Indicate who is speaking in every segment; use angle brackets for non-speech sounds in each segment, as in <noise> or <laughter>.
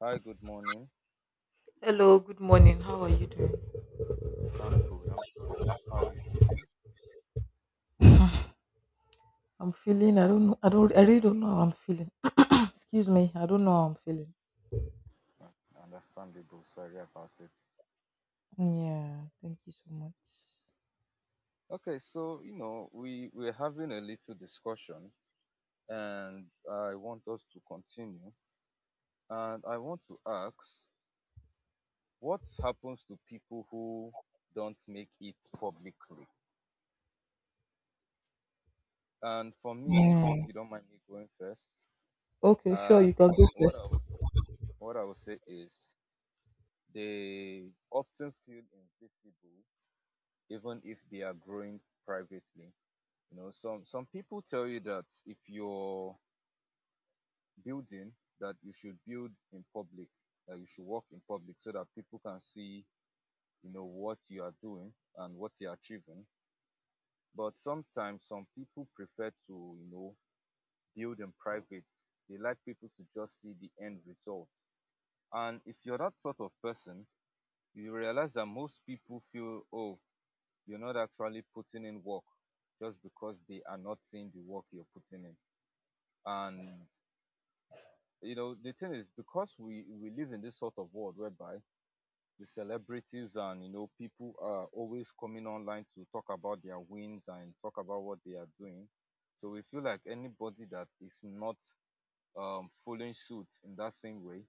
Speaker 1: Hi, good morning.
Speaker 2: Hello, good morning. How are you doing?
Speaker 1: I'm good. I'm fine. How are you feeling?
Speaker 2: I'm feeling. I don't know. I don't. I really don't know how I'm feeling. <clears throat> Excuse me. I don't know how I'm feeling.
Speaker 1: Understandable. Sorry about it.
Speaker 2: Yeah. Thank you so much.
Speaker 1: Okay, so you know we're having a little discussion, and I want us to continue. And I want to ask, what happens to people who don't make it publicly? And for me, if
Speaker 2: Mm.
Speaker 1: you don't mind me going first,
Speaker 2: Okay. Sure. You
Speaker 1: and
Speaker 2: can go
Speaker 1: what I
Speaker 2: first.
Speaker 1: was what I would say is they often feel invisible even if they are growing privately. You know, some people tell you that if you're building, that you should build in public, that you should work in public, so that people can see, you know, what you are doing and what you're achieving. But sometimes some people prefer to, you know, build in private. They like people to just see the end result. And if you're that sort of person, you realize that most people feel, oh, you're not actually putting in work just because they are not seeing the work you're putting in. And you know, the thing is because we live in this sort of world whereby the celebrities and you know people are always coming online to talk about their wins and talk about what they are doing. So we feel like anybody that is not following suit in that same way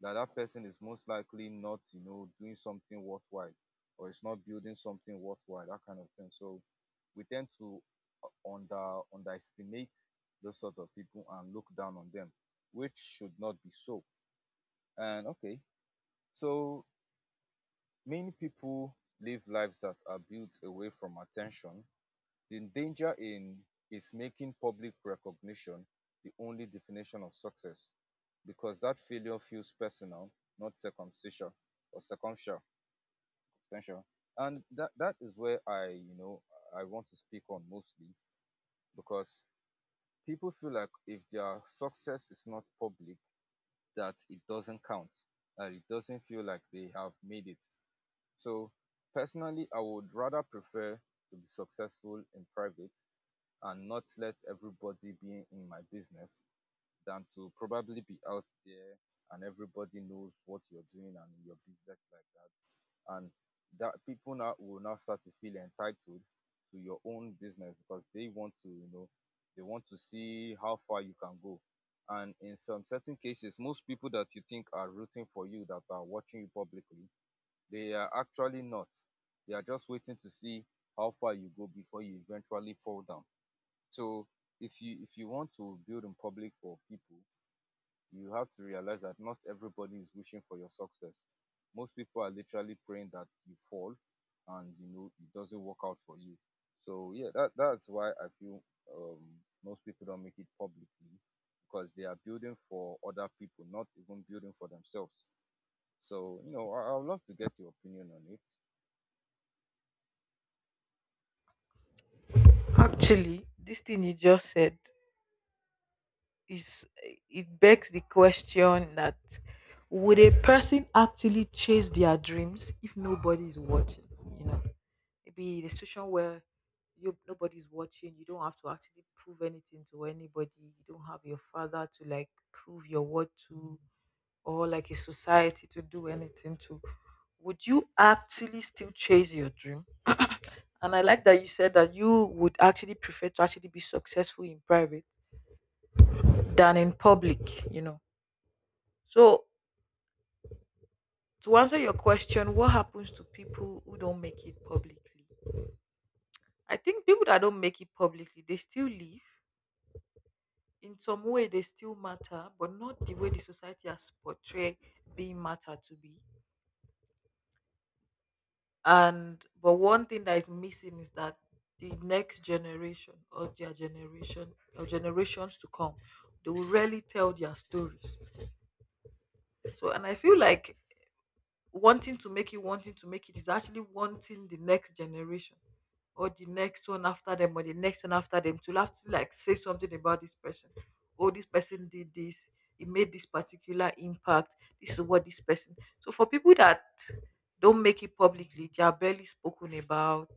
Speaker 1: that that person is most likely not, you know, doing something worthwhile or it's not building something worthwhile, that kind of thing. So we tend to underestimate those sort of people and look down on them, which should not be so. And okay, so many people live lives that are built away from attention the danger in is making public recognition the only definition of success because that failure feels personal, not circumstantial or circumstantial. And that is where I, you know, I want to speak on mostly because people feel like if their success is not public, that it doesn't count, that it doesn't feel like they have made it. So personally, I would rather prefer to be successful in private and not let everybody be in my business than to probably be out there and everybody knows what you're doing and your business like that. And that people now will now start to feel entitled to your own business because they want to, you know, they want to see how far you can go. And in some certain cases, most people that you think are rooting for you, that are watching you publicly, they are actually not. They are just waiting to see how far you go before you eventually fall down. So if you want to build in public for people, you have to realize that not everybody is wishing for your success. Most people are literally praying that you fall and you know it doesn't work out for you. So yeah, that's why I feel um, most people don't make it publicly because they are building for other people, not even building for themselves. So you know, I would love to get your opinion on it.
Speaker 2: Actually, this thing you just said is it begs the question that would a person actually chase their dreams if nobody is watching? You know. Maybe in a situation where you nobody's watching, you don't have to actually prove anything to anybody, you don't have your father to like prove your worth to, or like a society to do anything to, would you actually still chase your dream? And I like that you said that you would actually prefer to actually be successful in private than in public, you know. So to answer your question, what happens to people who don't make it publicly? I think people that don't make it publicly, they still live, in some way they still matter, but not the way the society has portrayed being matter to be. And but one thing that is missing is that the next generation or their generation or generations to come, they will rarely tell their stories. So and I feel like wanting to make it is actually wanting the next generation or the next one after them or the next one after them to have to like say something about this person. Oh, this person did this. It made this particular impact. This is what this person. So for people that don't make it publicly, they are barely spoken about.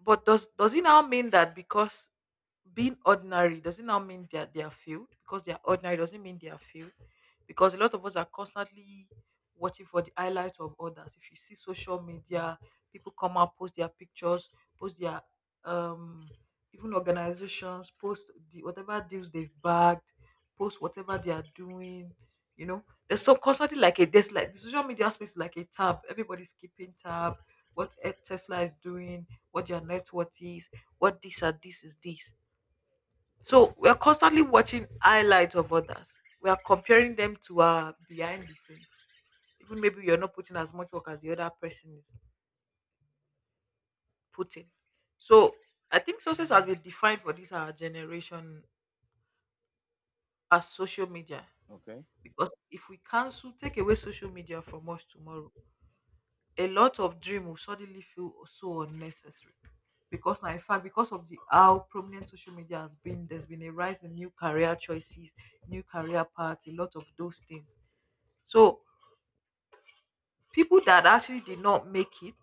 Speaker 2: But does it now mean that because being ordinary, does it now mean they are filled? Because they are ordinary doesn't mean they are filled. Because a lot of us are constantly watching for the highlights of others. If you see social media, people come out, post their pictures, post their um even organizations, post the whatever deals they've bagged, post whatever they are doing, you know. There's so constantly like a, there's like, the social media space is like a tab. Everybody's keeping tab, what Tesla is doing, what your net worth is, what this and this is this. So we're constantly watching highlights of others. We are comparing them to our behind the scenes. Even maybe you're not putting as much work as the other person is putting. So I think success has been defined for this our generation as social media.
Speaker 1: Okay.
Speaker 2: Because if we cancel, take away social media from us tomorrow, a lot of dream will suddenly feel so unnecessary. Because now, in fact, because of the how prominent social media has been, there's been a rise in new career choices, new career paths, a lot of those things. So people that actually did not make it,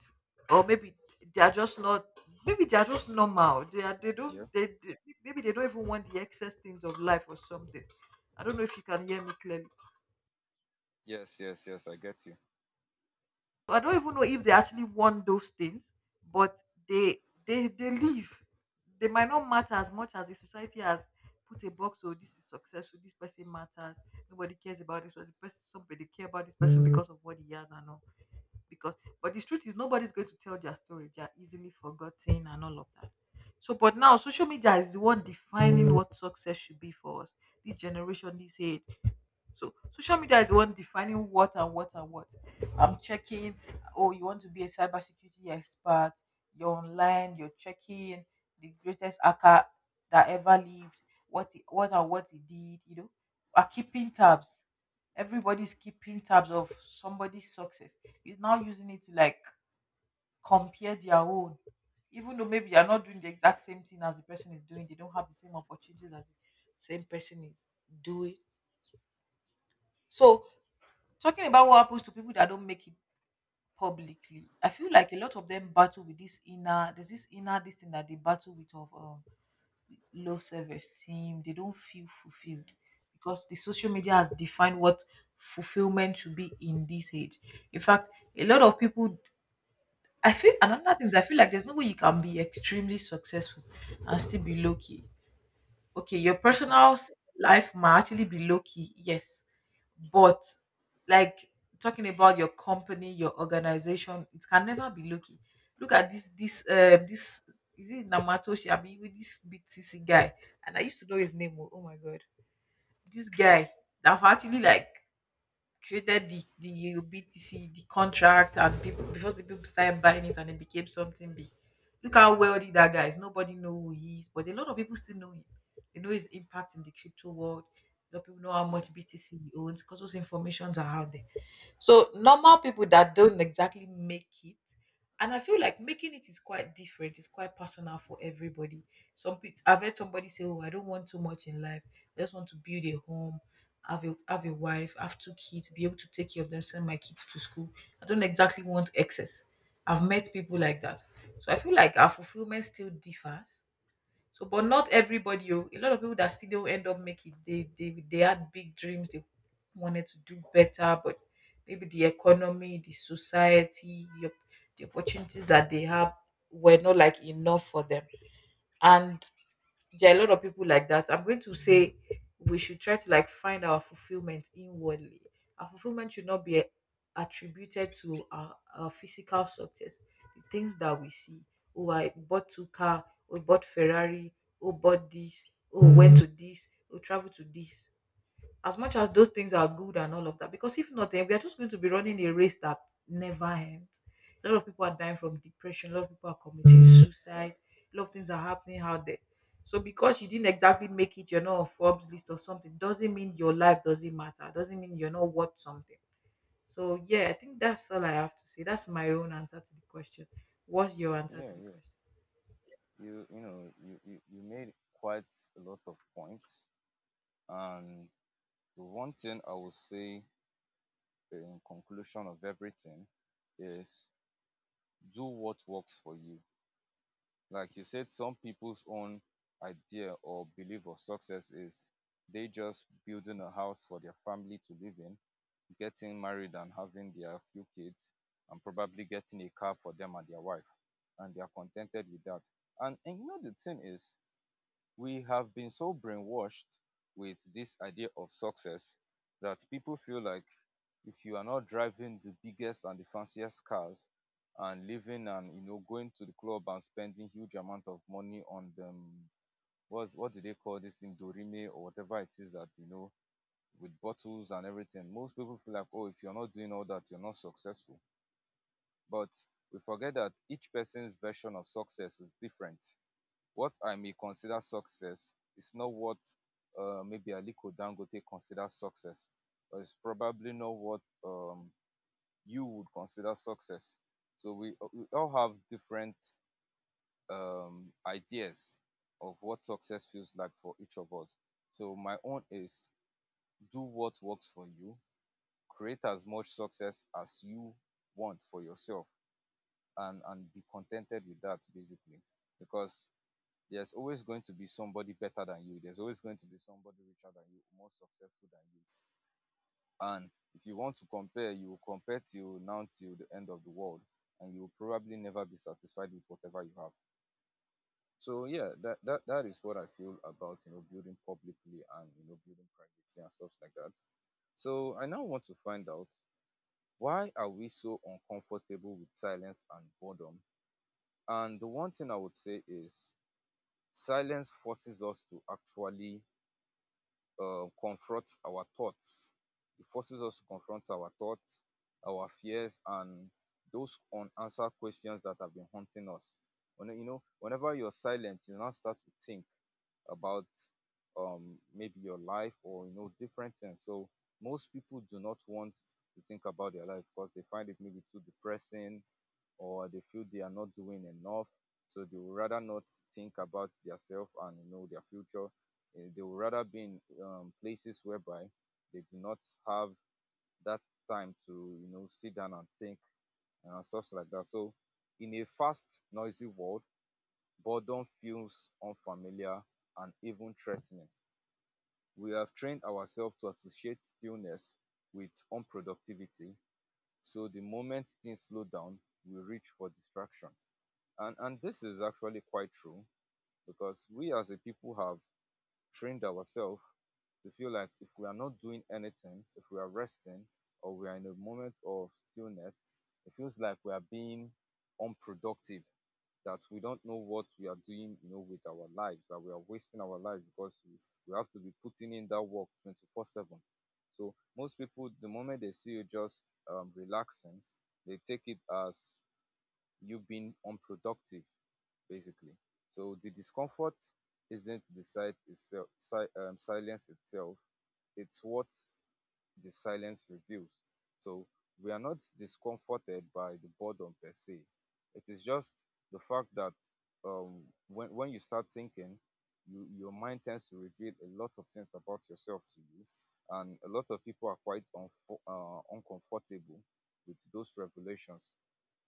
Speaker 2: or maybe they are just not, maybe they are just normal, they are, they
Speaker 1: Yeah.
Speaker 2: don't, they maybe they don't even want the excess things of life or something. I don't know if you can hear me clearly.
Speaker 1: Yes, yes, yes. I get you.
Speaker 2: So I don't even know if they actually want those things, but they, they live. They might not matter as much as the society has put a box. Oh, this is successful. This person matters. Nobody cares about this person. Person, somebody care about this person because of what he has and all. Because, but the truth is, nobody's going to tell their story. They are easily forgotten and all of that. So, but now social media is the one defining what success should be for us. This generation, this age, so social media is the one defining what and what and what. I'm checking, oh, you want to be a cybersecurity expert, you're online, you're checking the greatest hacker that ever lived, what he, what and what he did, you know. Are keeping tabs. Everybody's keeping tabs of somebody's success. Is now using it to like compare their own. Even though maybe you're not doing the exact same thing as the person is doing, they don't have the same opportunities as the same person is doing. So talking about what happens to people that don't make it publicly, I feel like a lot of them battle with this inner, there's this inner this thing that they battle with of low self-esteem. They don't feel fulfilled
Speaker 1: Yeah,
Speaker 2: because the social media has defined what fulfillment should be in this age. In fact, a lot of people, I feel another thing is I feel like there's no way you can be extremely successful and still be low key. Okay, your life might actually be low key, yes, but like talking about your company, your organization, it can never be low key. Look at this, this, this is it Namatoshi? I mean, with this BTC guy, and I used to know his name. Oh, oh my god, this guy that have actually like created the BTC, the contract, and people before the people started buying it and it became something big. Look how wealthy that guy is. Nobody know who he is, but a lot of people still know him. They know his impact in the crypto world. A lot of people know how
Speaker 1: yeah.
Speaker 2: much BTC he owns, because those informations are out there. So normal people that don't exactly make it, and I feel like making it is quite different. It's quite personal for everybody. Some people, I've heard somebody say, "Oh, I don't want too much in life. I just want to build a home, have a wife, have two kids, be able to take care of them, send my kids to school. I don't exactly want excess." I've met people like that. So I feel like our fulfillment still differs. So, but not everybody. Oh, a lot of people that still don't end up making. They had big dreams. They wanted to do better, but maybe the economy, the society, your, the opportunities that they have were not like enough for them. And there are a lot of people like that. I'm going to say we should try to like find our fulfillment inwardly. Our fulfillment should not be attributed to our physical success, the things that we see. Oh, I bought two car. Oh, bought Ferrari. Oh, bought this. Oh, went to this. Oh, traveled to this. As much as those things are good and all of that, because if not then we are just going to be running a race that never ends. A lot of people are dying from depression, a lot of people are committing suicide, a lot of things are happening out there. So because you didn't exactly make it, you're not on Forbes list or something, doesn't mean your life doesn't matter, doesn't mean you're not worth something. So yeah, I think that's all I have to say. That's my own answer to the question. What's your answer
Speaker 1: Yeah,
Speaker 2: to the
Speaker 1: yeah.
Speaker 2: question?
Speaker 1: You know, you made quite a lot of points. And the one thing I will say in conclusion of everything is do what works for you. Like you said, some people's own idea or belief of success is they just building a house for their family to live in, getting married and having their few kids, and probably getting a car for them and their wife. And they are contented with that. And you know, the thing is, we have been so brainwashed with this idea of success that people feel like if you are not driving the biggest and the fanciest cars and living and you know going to the club and spending huge amount of money on them what do they call this thing dorime or whatever it is that you know with bottles and everything most people feel like oh if you're not doing all that you're not successful but we forget that each person's version of success is different. What I may consider success is not what maybe Aliko Dangote considers success. It's probably not what you would consider success. So we all have different ideas of what success feels like for each of us. So my own is do what works for you, create as much success as you want for yourself, and be contented with that basically, because there's always going to be somebody better than you. There's always going to be somebody richer than you, more successful than you. And if you want to compare, you will compare till now till the end of the world, and you will probably never be satisfied with whatever you have. So yeah, that is what I feel about you know building publicly and you know building privately and stuff like that. So I now want to find out, why are we so uncomfortable with silence and boredom? And the one thing I would say is silence forces us to actually confront our thoughts. It forces us to confront our thoughts, our fears, and those unanswered questions that have been haunting us. When you know, whenever you're silent, you now start to think about maybe your life or you know different things. So most people do not want to think about their life because they find it maybe too depressing or they feel they are not doing enough. So they would rather not think about themselves and you know their future. They would rather be in places whereby they do not have that time to you know sit down and think and stuff like that. So in a fast, noisy world, boredom feels unfamiliar and even threatening. We have trained ourselves to associate stillness with unproductivity. So the moment things slow down, we reach for distraction. And this is actually quite true because we as a people have trained ourselves to feel like if we are not doing anything, if we are resting or we are in a moment of stillness, it feels like we are being unproductive, that we don't know what we are doing, you know, with our lives, that we are wasting our lives because we have to be putting in that work 24/7. So most people, the moment they see you just relaxing, they take it as you being unproductive basically. So the discomfort isn't the sight itself, silence itself. It's what the silence reveals. So we are not discomforted by the boredom per se. It is just the fact that when you start thinking, you your mind tends to reveal a lot of things about yourself to you, and a lot of people are quite uncomfortable with those revelations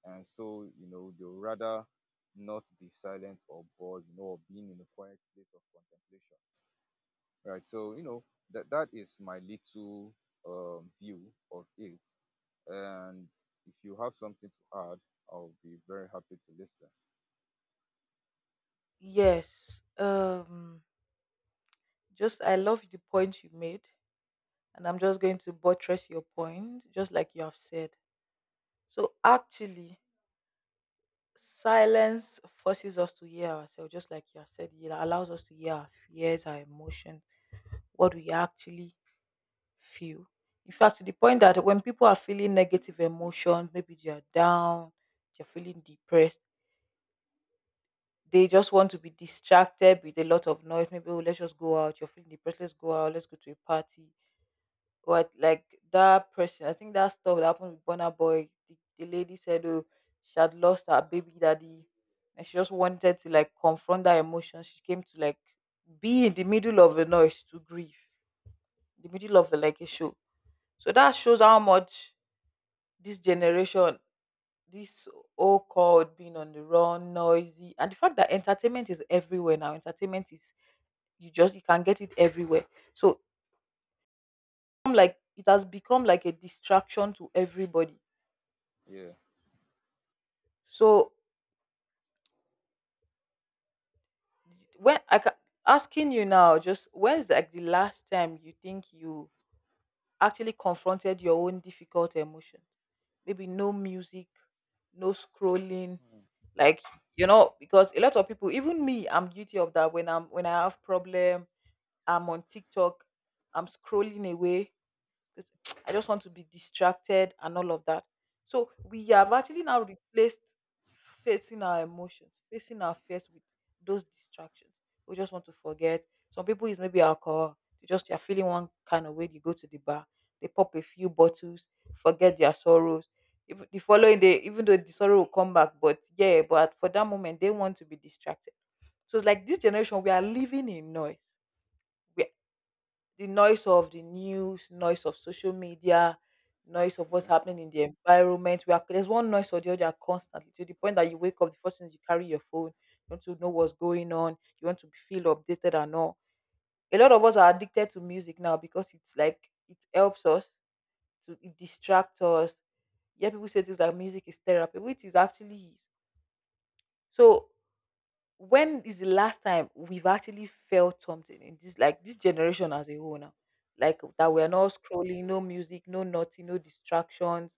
Speaker 1: and so you know they would rather not be silent or bored you know or being in a quiet place of contemplation, right? So you know that is my little view of it, and if you have something to add I'll be very happy to listen.
Speaker 2: Yes. Just I love the point you made, and I'm just going to buttress your point, just like you have said. So actually, silence forces us to hear ourselves, just like you have said. It allows us to hear our fears, our emotions, what we actually feel. In fact, to the point that when people are feeling negative emotions, maybe they are down, they're feeling depressed, they just want to be distracted with a lot of noise. Maybe oh, let's just go out. You're feeling depressed. Let's go out. Let's go to a party. Or like that person, I think that stuff that happened with Bonner Boy, the lady said, oh, she had lost her baby daddy, and she just wanted to like confront that emotion. She came to like be in the middle of a noise to grieve, the middle of a, like a show. So that shows how much this generation, this all called being on the run, noisy, and the fact that entertainment is everywhere now. Entertainment is, you just you can get it everywhere. So like it has become like a distraction to everybody.
Speaker 1: Yeah.
Speaker 2: So when I ca- asking you now, just when's like the last time you think you actually confronted your own difficult emotion? Maybe no music, no scrolling,
Speaker 1: Mm.
Speaker 2: like you know, because a lot of people, even me, I'm guilty of that. When I have problem, I'm on TikTok, I'm scrolling away. 'Cause I just want to be distracted and all of that. So we
Speaker 1: Yeah.
Speaker 2: have actually now replaced facing our emotions, facing our fears with those distractions. We just want to forget. Some people is maybe alcohol. They are feeling one kind of way. They go to the bar, they pop a few bottles, forget their sorrows. If the following day, even though the sorrow will come back, but yeah, but for that moment they want to be distracted. So it's like this generation, we are living in noise. We the noise of the news, noise of social media, noise of what's
Speaker 1: Yeah.
Speaker 2: happening in the environment. We are, there's one noise or the other constantly, to the point that you wake up, the first thing is you carry your phone, you want to know what's going on, you want to be feel updated and all. A lot of us are addicted to music now because it's like it helps us to, it distracts us. Yeah, people say things like music is therapy, which is actually is. So when is the last time we've actually felt something in this like this generation as a whole now, like that we are
Speaker 1: Mm.
Speaker 2: not scrolling, no music, no nothing, no distractions.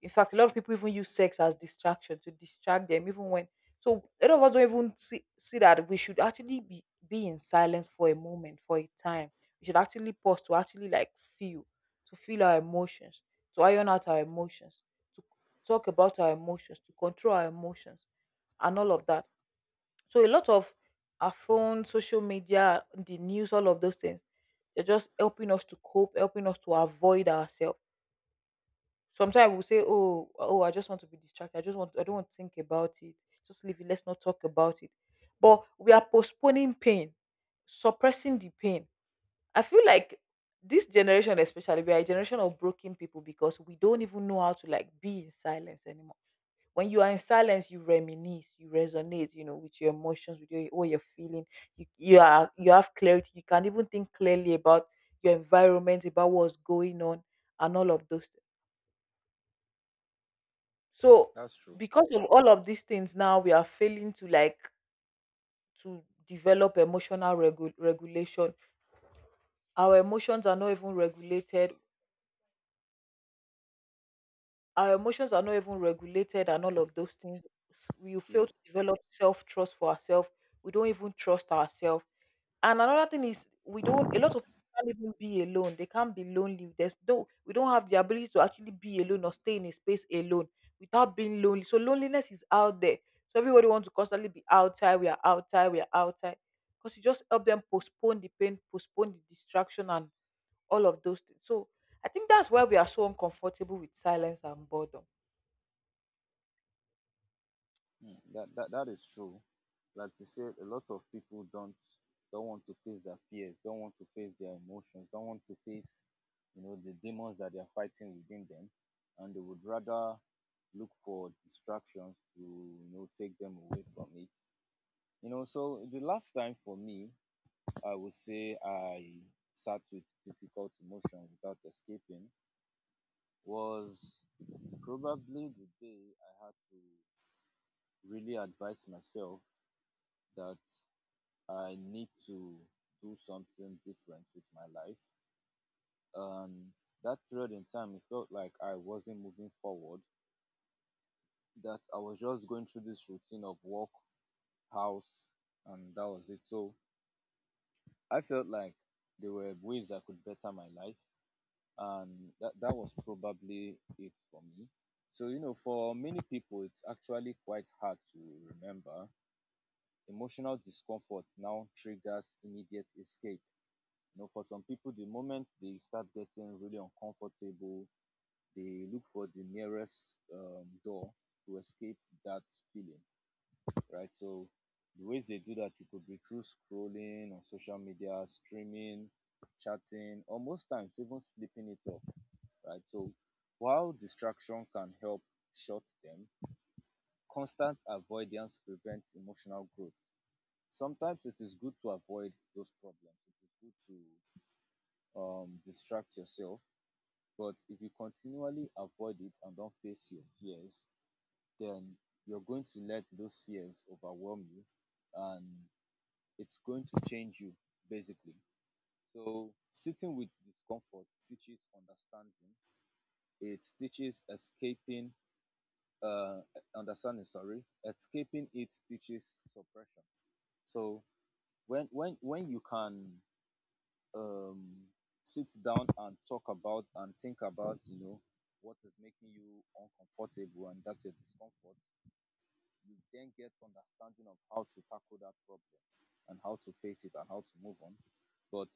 Speaker 2: In fact, a lot of people even use sex as distraction to distract them even when. So a lot of us don't even see that we should actually be in silence for a moment for a time. We should actually pause to actually like feel, to feel our emotions, to iron out our emotions, to talk about our emotions, to control our emotions, and all of that. So a lot of our phone, social media, the news, all of those things, they're just helping us to cope, helping us to avoid ourselves. Sometimes we'll say, oh, I just want to be distracted. I just want, I don't want to think about it. Just leave it. Let's not talk about it. But we are postponing pain, suppressing the pain. I feel like this generation especially, we are a generation of broken people because we don't even know how to like be in silence anymore. When you are in silence, you reminisce, you resonate, you know, with your emotions, with your what you're feeling. You are, you have clarity. You can even think clearly about your environment, about what's going on, and all of those things. So
Speaker 1: That's true.
Speaker 2: because of all of these things, now we are failing to like to develop emotional regulation. Our emotions are not even regulated. Our emotions are not even regulated and all of those things. We
Speaker 1: Yeah.
Speaker 2: fail to develop self trust for ourselves. We don't even trust ourselves. And another thing is we don't, a lot of people can't even be alone. They can't be lonely. There's no we don't have the ability to actually be alone or stay in a space alone without being lonely. So loneliness is out there. So everybody wants to constantly be outside, we are outside, we are outside. Because you just help them postpone the pain, postpone the distraction and all of those things. So I think that's why we are so uncomfortable with silence and boredom.
Speaker 1: Mm. That is true. Like you said, a lot of people don't want to face their fears, don't want to face their emotions, don't want to face you know the demons that they are fighting within them, and they would rather look for distractions to you know take them away from it. You know, so the last time for me, I would say I sat with difficult emotion without escaping was probably the day I had to really advise myself that I need to do something different with my life. And that period in time, it felt like I wasn't moving forward, that I was just going through this routine of work, house, and that was it. So I felt like there were ways I could better my life, and that was probably it for me. So, you know, for many people, it's actually quite hard to remember. Emotional discomfort now triggers immediate escape. You know, for some people, the moment they start getting really uncomfortable, they look for the nearest door to escape that feeling, right? So the ways they do that, it could be through scrolling on social media, streaming, chatting, or most times even sleeping it off, right? So while distraction can help short them, constant avoidance prevents emotional growth. Sometimes it is good to avoid those problems. It is good to distract yourself. But if you continually avoid it and don't face your fears, then you're going to let those fears overwhelm you and it's going to change you basically. So sitting with discomfort teaches understanding. It teaches escaping uh understanding, sorry. Escaping it teaches suppression. So when you can um sit down and talk about and think about you know what is making you uncomfortable and that's your discomfort, you then get understanding of how to tackle that problem and how to face it and how to move on. But